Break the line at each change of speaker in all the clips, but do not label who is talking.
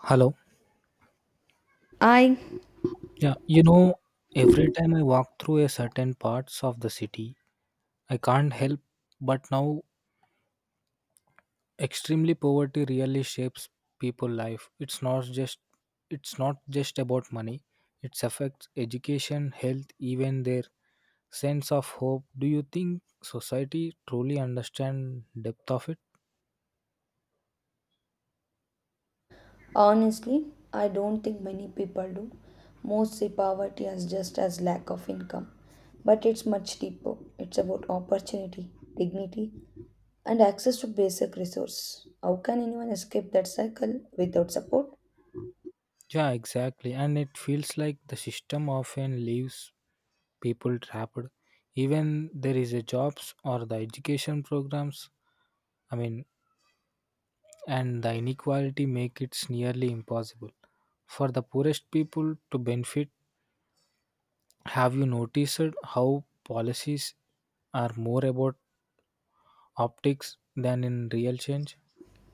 Hello.
I
Yeah, you know, every time I walk through a certain parts of the city, I can't help but now extremely poverty really shapes people life. It's not just about money. It affects education, health, even their sense of hope. Do you think society truly understand depth of it?
honestly, I don't think many people do. Most see poverty as just as lack of income, but it's much deeper. It's about opportunity, dignity, and access to basic resources. How can anyone escape that cycle without support?
Yeah, exactly. And it feels like the system often leaves people trapped even there is a jobs or the education programs I mean, and the inequality make it nearly impossible for the poorest people to benefit. Have you noticed how policies are more about optics than in real change?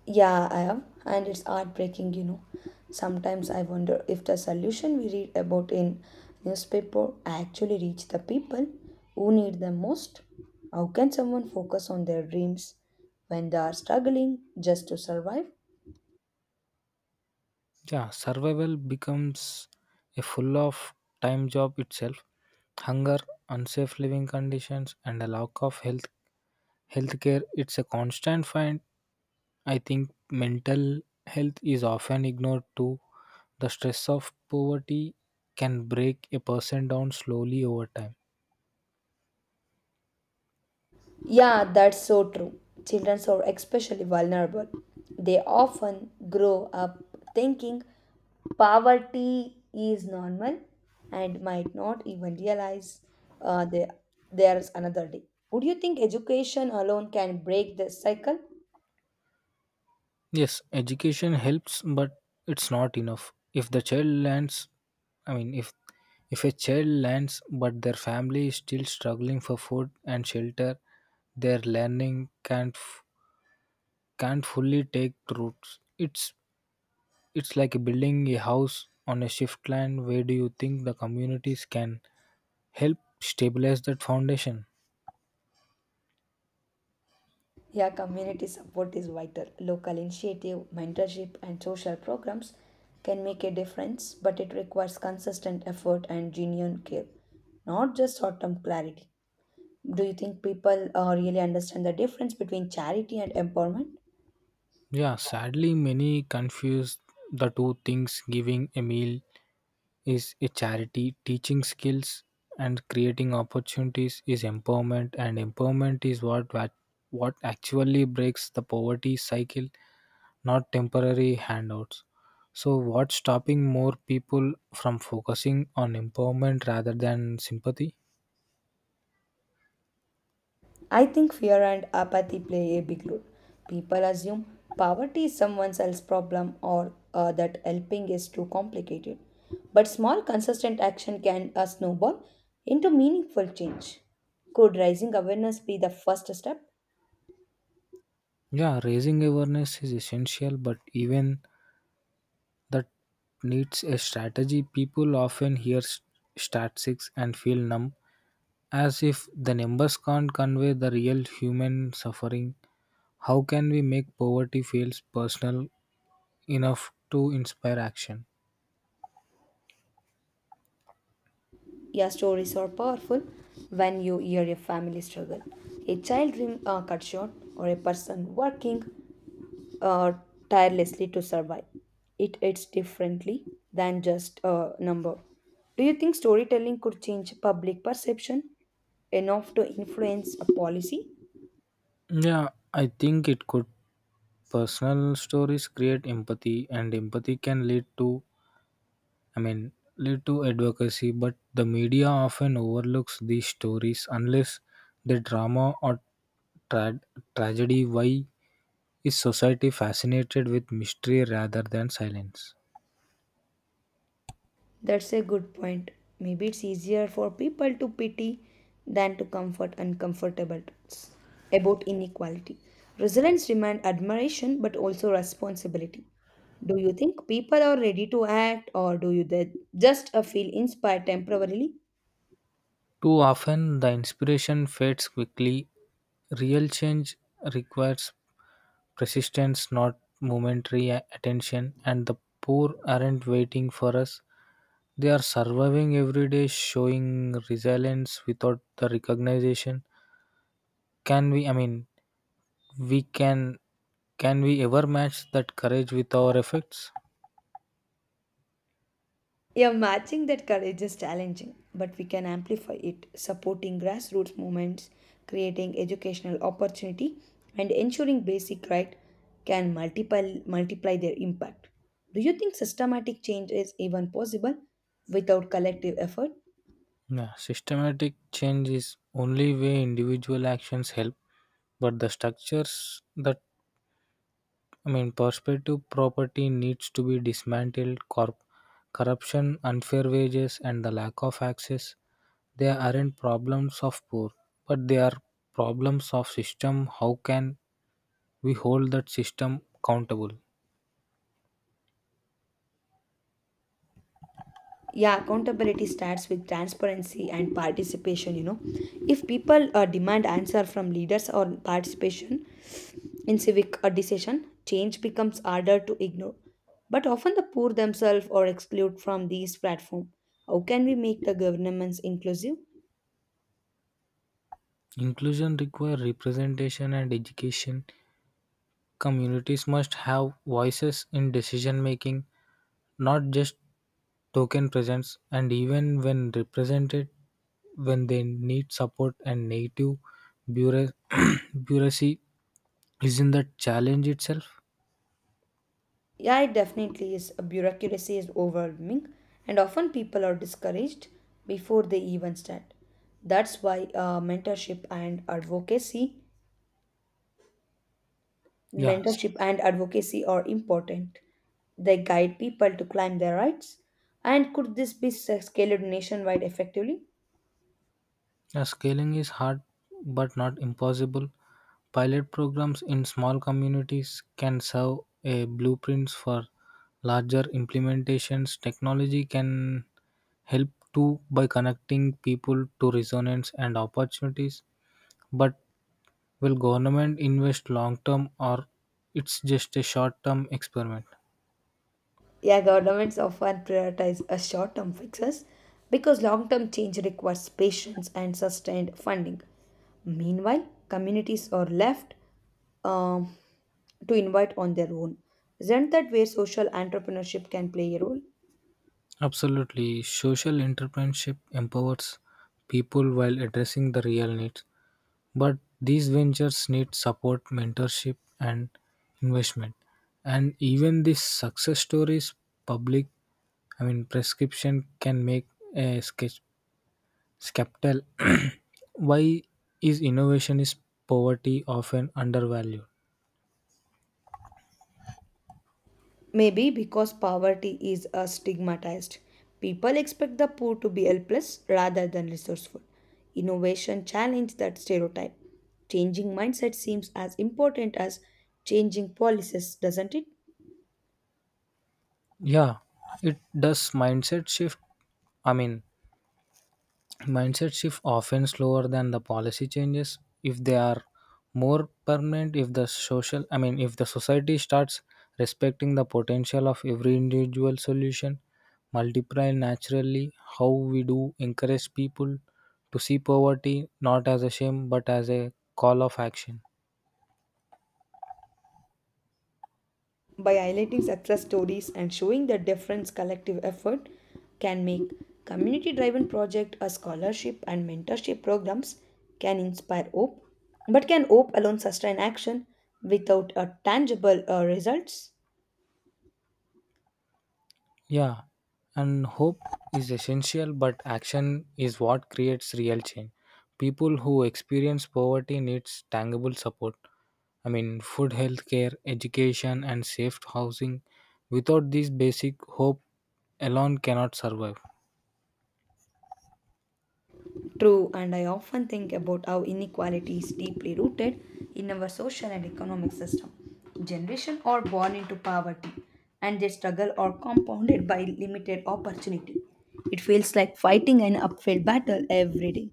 Yeah, I am, and it's heartbreaking, you know. Sometimes I wonder if the solution we read about in newspaper actually reach the people who need them most. How can someone focus on their dreams when they are struggling just to survive?
Yeah, survival becomes a full of time job itself. Hunger, unsafe living conditions, and a lack of healthcare. It's a constant fight. I think mental health is often ignored too. The stress of poverty can break a person down slowly over time.
Yeah, that's so true. Children are especially vulnerable. They often grow up thinking poverty is normal and might not even realize uh, there, there's another day. Would you think education alone can break this cycle?
Yes, education helps, but it's not enough. If the child lands, I mean, if a child lands, but their family is still struggling for food and shelter, their learning can't fully take roots. It's like building a house on a shift land. Where do you think the communities can help stabilize that foundation?
Yeah, community support is vital. Local initiative, mentorship, and social programs can make a difference, but it requires consistent effort and genuine care, not just short term clarity. Do you think people really understand the difference between charity and empowerment?
Yeah, sadly, many confuse the two things. Giving a meal is a charity, teaching skills and creating opportunities is empowerment, and empowerment is what actually breaks the poverty cycle, not temporary handouts. So, what's stopping more people from focusing on empowerment rather than sympathy?
I think fear and apathy play a big role. People assume poverty is someone else's problem or that helping is too complicated. But small, consistent action can snowball into meaningful change. Could raising awareness be the first step?
Yeah, raising awareness is essential, but even that needs a strategy. People often hear statistics and feel numb, as if the numbers can't convey the real human suffering. How can we make poverty feels personal enough to inspire action?
Your stories are powerful when you hear a family struggle, a child dream cut short, or a person working uh, tirelessly to survive. It hits differently than just a number. Do you think storytelling could change public perception enough to influence a policy?
Yeah, I think it could. Personal stories create empathy, and empathy can lead to advocacy. But the media often overlooks these stories unless the drama or tra- tragedy. Why is society fascinated with mystery rather than silence?
That's a good point. Maybe it's easier for people to pity than to comfort uncomfortable truths about inequality. Resilience demands admiration but also responsibility. Do you think people are ready to act or do you they just feel inspired temporarily?
Too often, the inspiration fades quickly. Real change requires persistence, not momentary attention, and the poor aren't waiting for us. They are surviving every day, showing resilience without the recognition. Can we, I mean, we can we ever match that courage with our efforts?
Yeah, matching that courage is challenging, but we can amplify it, supporting grassroots movements, creating educational opportunity, and ensuring basic right can multiply their impact. Do you think systematic change is even possible without collective effort?
Yeah, systematic change is only way individual actions help, but the structures that perspective property needs to be dismantled. Corruption, unfair wages, and the lack of access, they aren't problems of poor, but they are problems of system. How can we hold that system accountable?
Yeah, accountability starts with transparency and participation. If people demand answer from leaders or participation in civic decision change becomes harder to ignore, but often the poor themselves are excluded from these platforms. How can we make the governments inclusive?
Inclusion requires representation and education. Communities must have voices in decision making, not just token presence, and even when represented when they need support and native bureau- bureaucracy isn't the challenge itself.
Yeah, it definitely is a bureaucracy is overwhelming, and often people are discouraged before they even start. That's why
Yeah
mentorship and advocacy are important. They guide people to claim their rights. And could this be scaled nationwide effectively?
yeah, scaling is hard but not impossible. Pilot programs in small communities can serve a blueprints for larger implementations. Technology can help too by connecting people to resonance and opportunities, but will government invest long term or it's just a short term experiment?
Yeah, governments often prioritize a short-term fixes because long-term change requires patience and sustained funding. Meanwhile, communities are left um, to invite on their own. Isn't that where social entrepreneurship can play a role?
Absolutely. Social entrepreneurship empowers people while addressing the real needs. But these ventures need support, mentorship, and investment. And even these success stories, public, prescription can make a sketch skeptical. Why is innovation is poverty often undervalued?
Maybe because poverty is stigmatized, people expect the poor to be helpless rather than resourceful. Innovation challenges that stereotype. Changing mindset seems as important as changing policies, doesn't it?
Yeah, it does. Mindset shift. I mean, mindset shift often slower than the policy changes. If they are more permanent, if the society starts respecting the potential of every individual, solution multiply naturally. How we do encourage people to see poverty not as a shame but as a call of action?
By highlighting success stories and showing the difference collective effort can make, community driven project a scholarship and mentorship programs can inspire hope. But can hope alone sustain action without a tangible results?
Yeah, and hope is essential, but action is what creates real change. People who experience poverty needs tangible support. I mean, food, healthcare, education, and safe housing. Without these basic, hope alone cannot survive.
True, and I often think about how inequality is deeply rooted in our social and economic system. Generation are born into poverty, and their struggle are compounded by limited opportunity. It feels like fighting an uphill battle every day.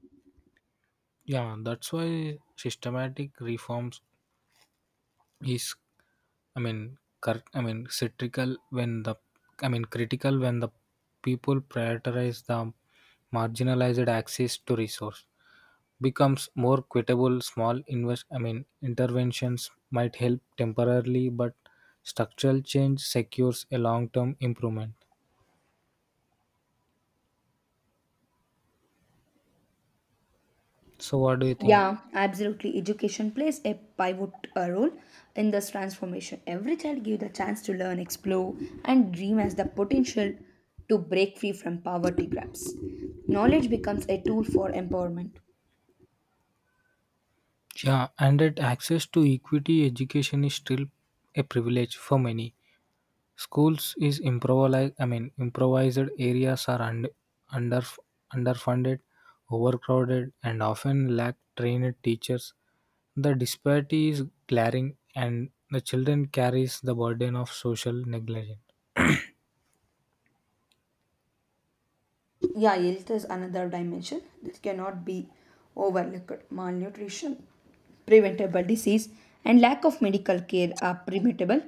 Yeah, that's why systematic reforms is, I mean, cur- I mean, critical when the, I mean, critical when the people prioritize the marginalized. Access to resource becomes more equitable. Small invest I mean interventions might help temporarily, but structural change secures a long term improvement. So what do you think?
Yeah, absolutely. Education plays a pivot role in this transformation. Every child gives the chance to learn, explore, and dream as the potential to break free from poverty traps. Knowledge becomes a tool for empowerment.
Yeah, and that access to equity education is still a privilege for many. Schools is improvised. I mean, Improvised areas are under underfunded, overcrowded, and often lack trained teachers. The disparity is glaring, and the children carries the burden of social negligence.
Yeah, health is another dimension that cannot be overlooked. Malnutrition, preventable disease, and lack of medical care are preventable.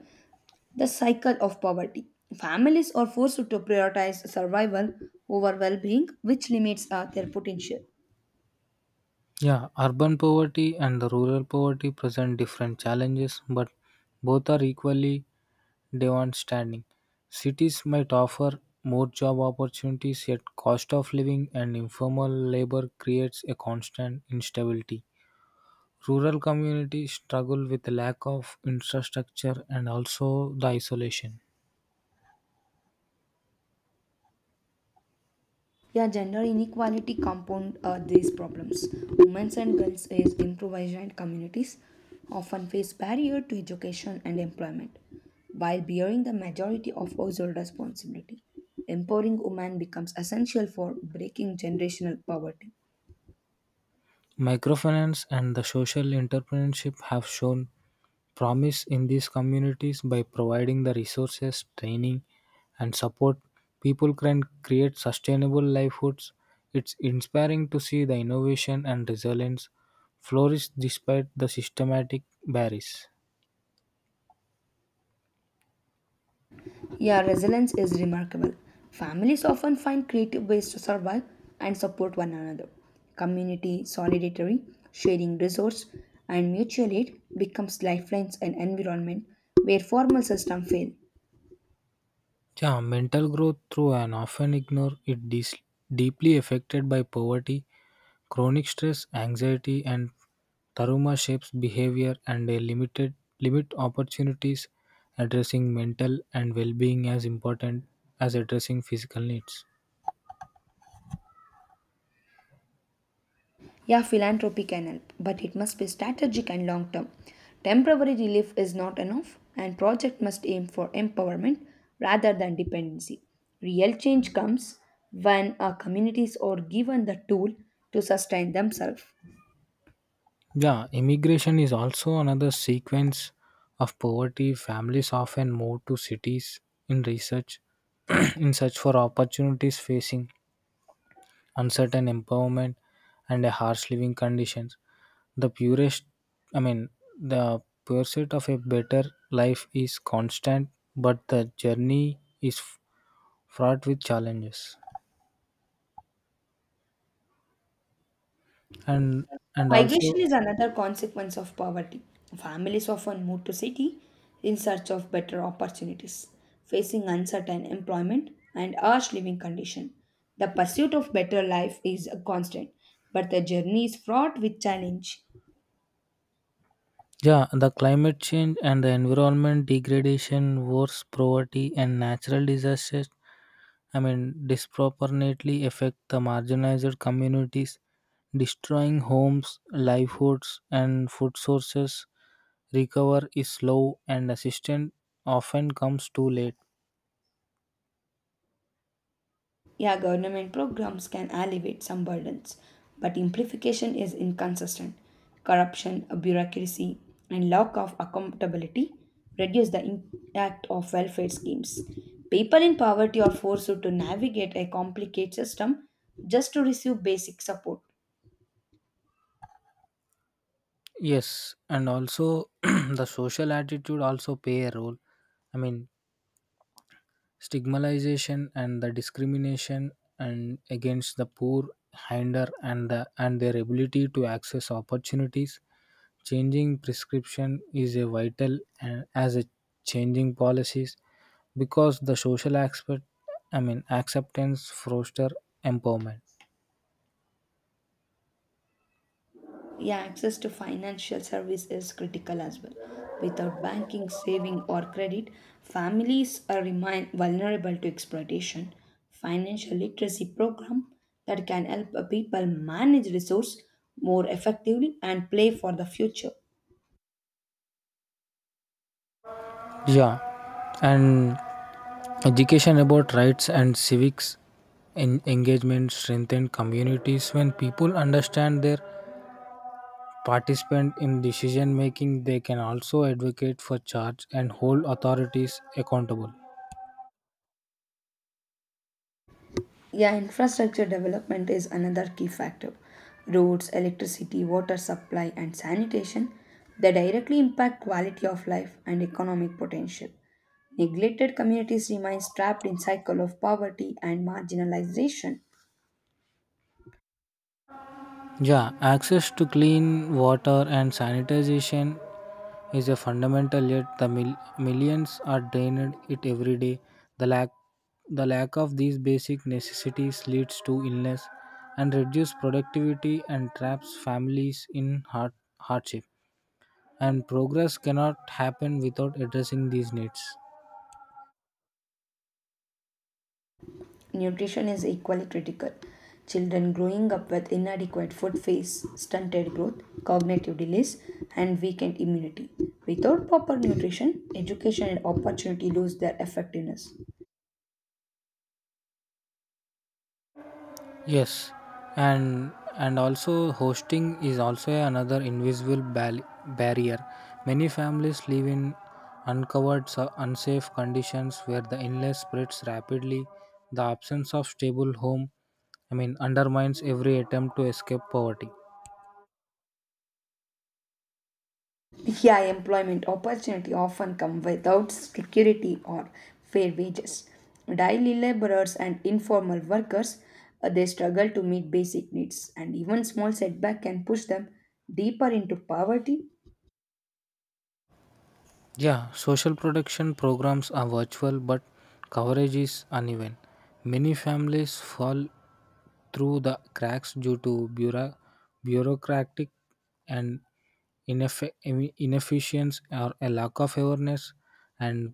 The cycle of poverty. Families are forced to prioritize survival over well being, which limits their potential.
Yeah, urban poverty and the rural poverty present different challenges, but both are equally standing. Cities might offer more job opportunities, yet cost of living and informal labor creates a constant instability. Rural communities struggle with the lack of infrastructure and also the isolation.
Yeah, gender inequality compound these problems. Women and girls is improvised communities often face barrier to education and employment while bearing the majority of household responsibility. Empowering women becomes essential for breaking generational poverty.
Microfinance and the social entrepreneurship have shown promise in these communities by providing the resources, training, and support. People can create sustainable livelihoods. It's inspiring to see the innovation and resilience flourish despite the systematic barriers.
Yeah, resilience is remarkable. Families often find creative ways to survive and support one another. Community solidarity, sharing resource, and mutual aid becomes lifelines and environment where formal system fail.
Yeah, mental growth through and often ignore it deeply affected by poverty. Chronic stress, anxiety, and trauma shapes behavior and a limit opportunities. Addressing mental and well-being as important as addressing physical needs.
Yeah, philanthropy can help, but it must be strategic and long term. Temporary relief is not enough, and project must aim for empowerment rather than dependency. Real change comes when our communities are given the tool to sustain themselves.
Yeah, immigration is also another sequence of poverty. Families often move to cities in research in search for opportunities, facing uncertain empowerment, and a harsh living conditions. The purest, I mean, the pursuit of a better life is constant, but the journey is fraught with challenges. And and
Migration
also,
is another consequence of poverty. Families often move to city in search of better opportunities, facing uncertain employment and harsh living condition. The pursuit of better life is a constant, but the journey is fraught with challenge.
yeah, the climate change and the environment degradation, wars, poverty, and natural disasters, I mean, disproportionately affect the marginalized communities, destroying homes, livelihoods, and food sources. Recover is slow and assistance often comes too late.
Yeah, government programs can alleviate some burdens, but simplification is inconsistent. Corruption, bureaucracy, and lack of accountability reduce the impact of welfare schemes. People in poverty are forced to navigate a complicated system just to receive basic support.
Yes, and also the social attitude also play a role. i mean Stigmatization and the discrimination and against the poor hinder and the and their ability to access opportunities. Changing prescription is a vital and as a changing policies, because the social aspect, acceptance foster empowerment.
Yeah, access to financial service is critical as well. Without banking, saving, or credit, families are remain vulnerable to exploitation. Financial literacy program that can help people manage resource more effectively and play for the future.
Yeah, and education about rights and civics engagement strengthen communities. When people understand their participant in decision making, they can also advocate for charge and hold authorities accountable.
Yeah, infrastructure development is another key factor. Roads, electricity, water supply, and sanitation they directly impact quality of life and economic potential. Neglected communities remain trapped in cycle of poverty and marginalization.
Yeah, access to clean water and sanitization is a fundamental, yet the millions are drained it every day. The lack the lack of these basic necessities leads to illness and reduced productivity and traps families in hardship. And progress cannot happen without addressing these needs.
Nutrition is equally critical. Children growing up with inadequate food face stunted growth, cognitive delays, and weakened immunity. Without proper nutrition, education and opportunity lose their effectiveness.
Yes, and and also hosting is also another invisible barrier. Many families live in uncovered, unsafe conditions where the illness spreads rapidly. The absence of stable home, I mean, undermines every attempt to escape poverty.
Here, employment opportunity often come without security or fair wages. Daily laborers and informal workers they struggle to meet basic needs, and even small setback can push them deeper into poverty.
Yeah, social protection programs are virtual, but coverage is uneven. Many families fall through the cracks due to bureaucratic and inefficiency, or a lack of awareness, and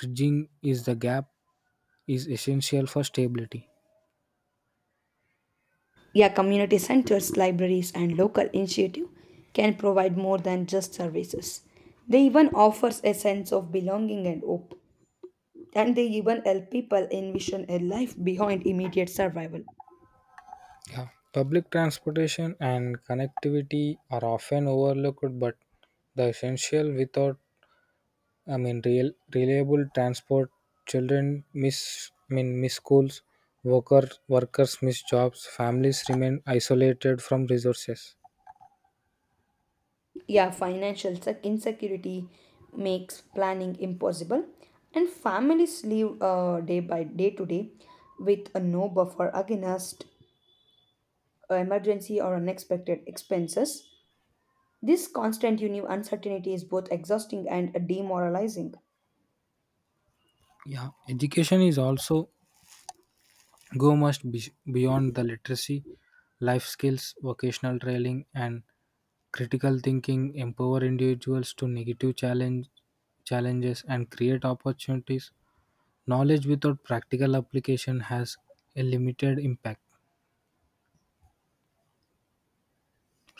bridging is the gap is essential for stability.
Yeah, community centers, libraries, and local initiative can provide more than just services. They even offers a sense of belonging and hope, and they even help people envision a life beyond immediate survival.
Yeah. Public transportation and connectivity are often overlooked, but the essential. Without, I mean, Real reliable transport, children miss, I mean, miss schools, workers miss jobs, families remain isolated from resources.
Yeah, financial insecurity makes planning impossible, and families live day by day to day with a no buffer against emergency or unexpected expenses. This constant uncertainty is both exhausting and demoralizing.
Yeah, education is also go must be beyond the literacy, life skills, vocational training, and critical thinking, empower individuals to challenges, and create opportunities. Knowledge without practical application has a limited impact,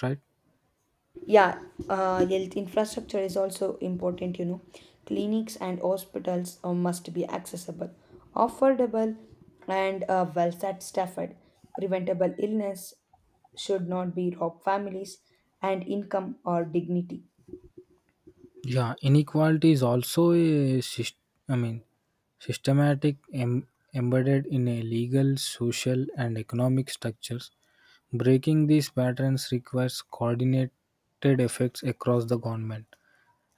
right?
Yeah, health infrastructure is also important, clinics and hospitals must be accessible, affordable, and well staffed. Preventable illness should not be rob families and income or dignity.
Yeah, inequality is also a I mean systematic embedded in a legal, social, and economic structures. Breaking these patterns requires coordinated efforts across the government.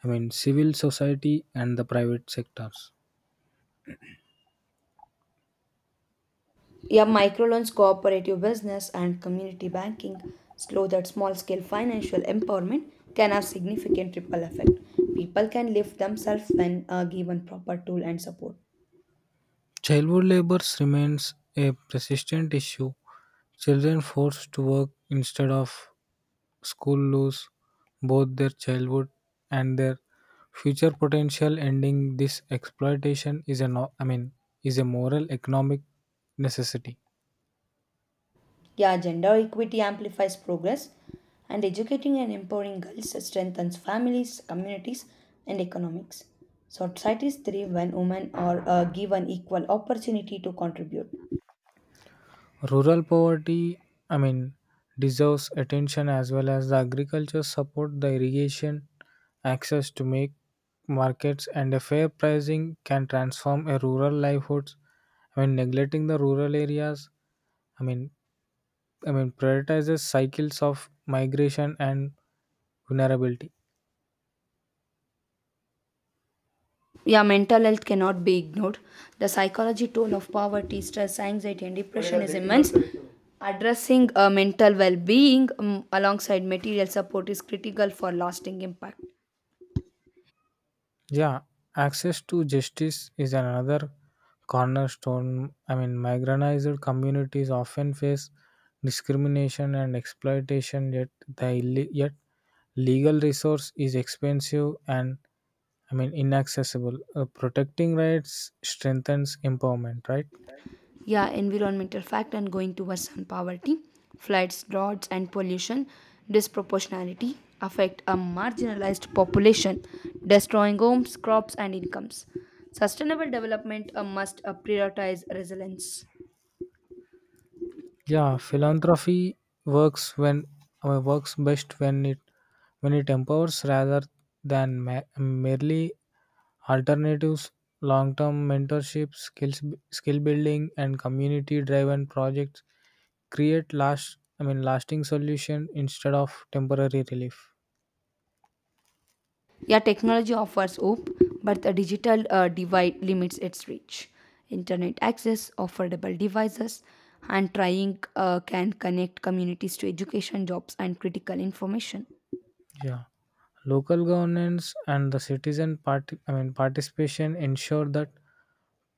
I mean civil society and the private sectors.
Yeah, microloans cooperative business and community banking slow that small scale financial empowerment can have significant ripple effect. People can lift themselves when given proper tool and support.
Childhood labor remains a persistent issue. Children forced to work instead of school lose both their childhood and their future potential. Ending this exploitation is a no, I mean is a moral economic necessity.
Yeah, gender equity amplifies progress, and educating and empowering girls strengthens families, communities, and economics. Societies thrive when women are given equal opportunity to contribute.
Rural poverty, I mean, deserves attention as well as the agriculture support, the irrigation, access to make markets, and a fair pricing can transform a rural livelihoods. I mean, neglecting the rural areas, I mean, prioritizes cycles of migration and vulnerability.
Yeah, mental health cannot be ignored. The psychology toll of poverty, stress, anxiety, and depression is immense. Addressing mental well being alongside material support is critical for lasting impact.
Yeah, access to justice is another cornerstone. I mean, marginalized communities often face discrimination and exploitation, yet the ille- yet legal resource is expensive and, I mean, inaccessible. Protecting rights strengthens empowerment, right?
Yeah, environmental fact and going to worsen poverty. Floods, droughts, and pollution disproportionality affect a marginalized population, destroying homes, crops, and incomes. Sustainable development must prioritize resilience.
Yeah, philanthropy works when works best when it empowers rather than merely alternatives. Long-term mentorship, skill building, and community-driven projects create lasting solution instead of temporary relief.
Yeah, technology offers hope, but the digital divide limits its reach. Internet access, affordable devices, and trying can connect communities to education, jobs, and critical information.
Yeah. Local governance and the citizen participation ensure that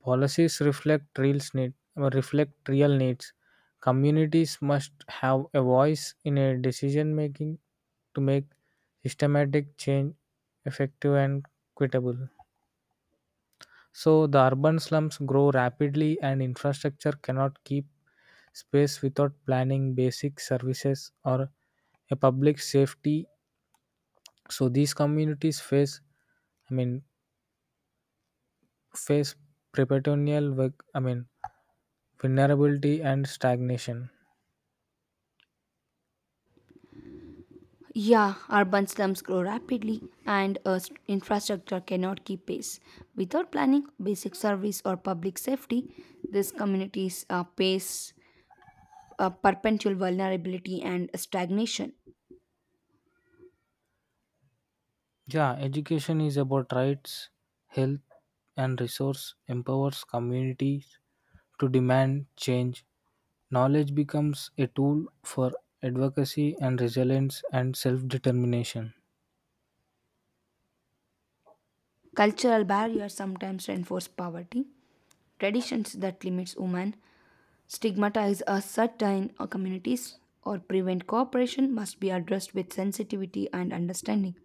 policies reflect real need, or reflect real needs. Communities must have a voice in a decision making to make systematic change effective and equitable. So the urban slums grow rapidly and infrastructure cannot keep space without planning basic services or a public safety. So these communities I mean face preperitoneal vulnerability and stagnation.
Yeah, urban slums grow rapidly and infrastructure cannot keep pace. Without planning, basic service, or public safety, these communities face perpetual vulnerability and stagnation.
Yeah, education is about rights, health, and resource empowers communities to demand change. Knowledge becomes a tool for advocacy and resilience and self determination.
Cultural barriers sometimes reinforce poverty. Traditions that limits women stigmatize a certain communities or prevent cooperation must be addressed with sensitivity and understanding.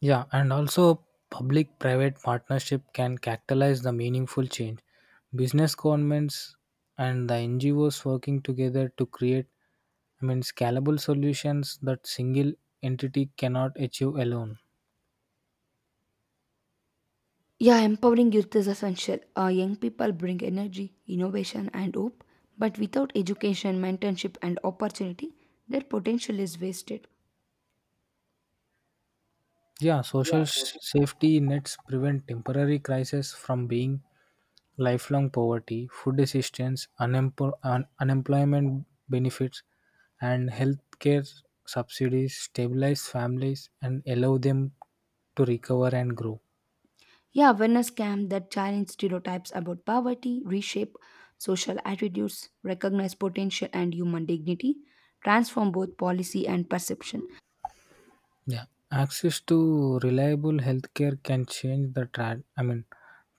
Yeah, and also public private partnership can catalyze the meaningful change. Business governments and the NGOs working together to create, scalable solutions that single entity cannot achieve alone.
Yeah, empowering youth is essential. Young people bring energy, innovation, and hope, but without education, mentorship, and opportunity, their potential is wasted.
Yeah, social
Yeah, for sure.
safety nets prevent temporary crises from being lifelong poverty. Food assistance, unemployment benefits, and healthcare subsidies stabilize families and allow them to recover and grow.
Yeah, awareness camp that challenge stereotypes about poverty, reshape social attitudes, recognize potential and human dignity, transform both policy and perception.
Yeah, access to reliable healthcare can change the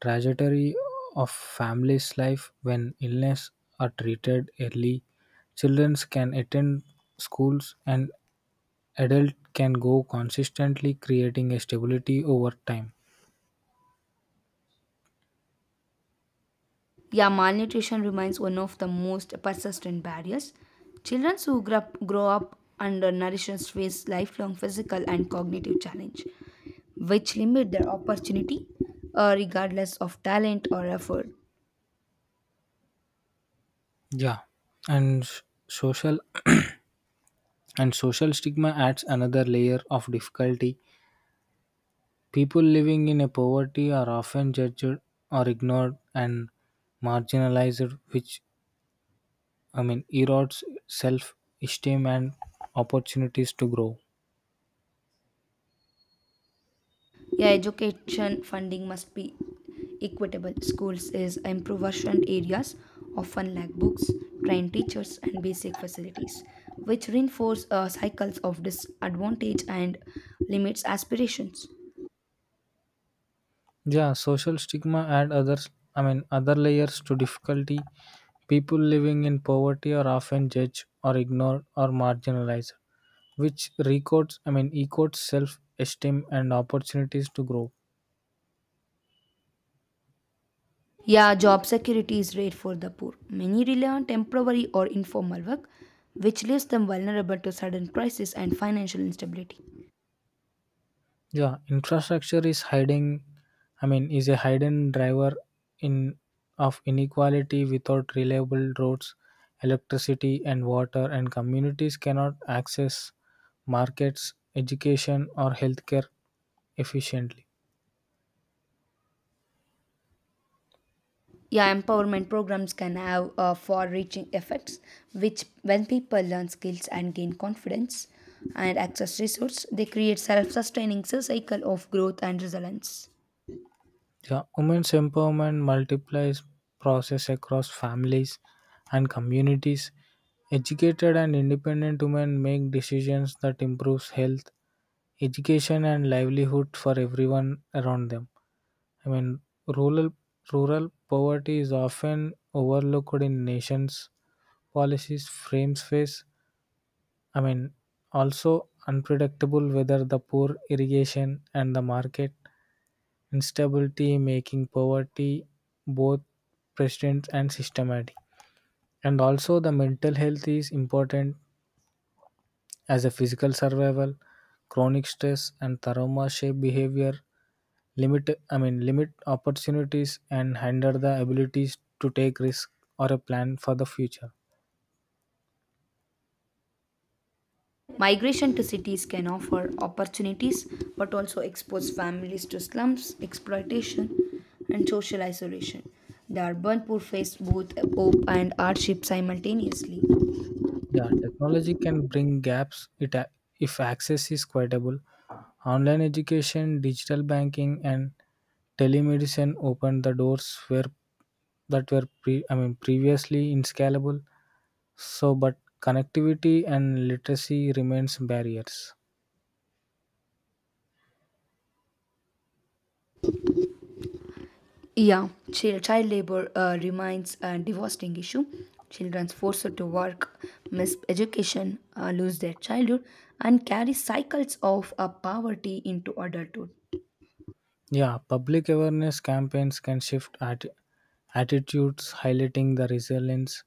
trajectory of family's life. When illness are treated early, children can attend schools and adult can go consistently, creating a stability over time.
Yeah, malnutrition remains one of the most persistent barriers. Children who grow up under nourishment face lifelong physical and cognitive challenge, which limit their opportunity regardless of talent or effort.
Yeah, and social and social stigma adds another layer of difficulty. People living in a poverty are often judged or ignored and marginalized, which, erodes self-esteem and opportunities to grow.
Yeah, education funding must be equitable. Schools is impoverished areas often lack books, trained teachers, and basic facilities, which reinforce cycles of disadvantage and limits aspirations.
Yeah, social stigma and others, I mean, other layers to difficulty. People living in poverty are often judged or ignored or marginalized, which equates self esteem and opportunities to grow.
Yeah, job security is rare for the poor. Many rely on temporary or informal work, which leaves them vulnerable to sudden crisis and financial instability.
Yeah, infrastructure is hiding, I mean, is a hidden driver in of inequality. Without reliable roads, electricity and water, and communities cannot access markets, education or healthcare efficiently.
Yeah, empowerment programs can have far reaching effects, which, when people learn skills and gain confidence and access resources, they create self sustaining cycle of growth and resilience.
Yeah, women's empowerment multiplies process across families and communities. Educated and independent women make decisions that improves health, education and livelihood for everyone around them. I mean, rural rural poverty is often overlooked in nations policies frames face, I mean, also unpredictable weather, the poor irrigation and the market instability, making poverty both persistent and systematic. And also the mental health is important as a physical survival. Chronic stress and trauma shape behavior, limit I mean limit opportunities and hinder the abilities to take risk or a plan for the future.
Migration to cities can offer opportunities but also expose families to slums, exploitation, and social isolation. The urban poor face both hope and hardship simultaneously.
Yeah, technology can bring gaps it a- if access is equitable. Online education, digital banking, and telemedicine open the doors where that were pre, I mean previously inscalable. So, but connectivity and literacy remains barriers.
Yeah, child labor remains a devastating issue. Children forced to work, miss education, lose their childhood, and carry cycles of poverty into adulthood.
Yeah, public awareness campaigns can shift attitudes, highlighting the resilience,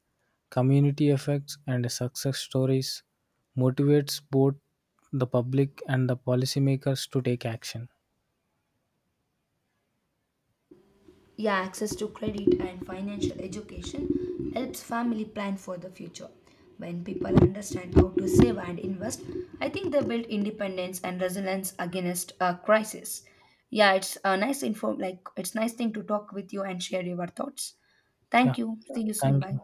community effects, and success stories, motivates both the public and the policymakers to take action.
Yeah, access to credit and financial education helps family plan for the future. When people understand how to save and invest, I think they build independence and resilience against a crisis. Yeah, it's a nice info like it's nice thing to talk with you and share your thoughts.
Yeah,
Thank you. See you soon.
thank
Bye.
you.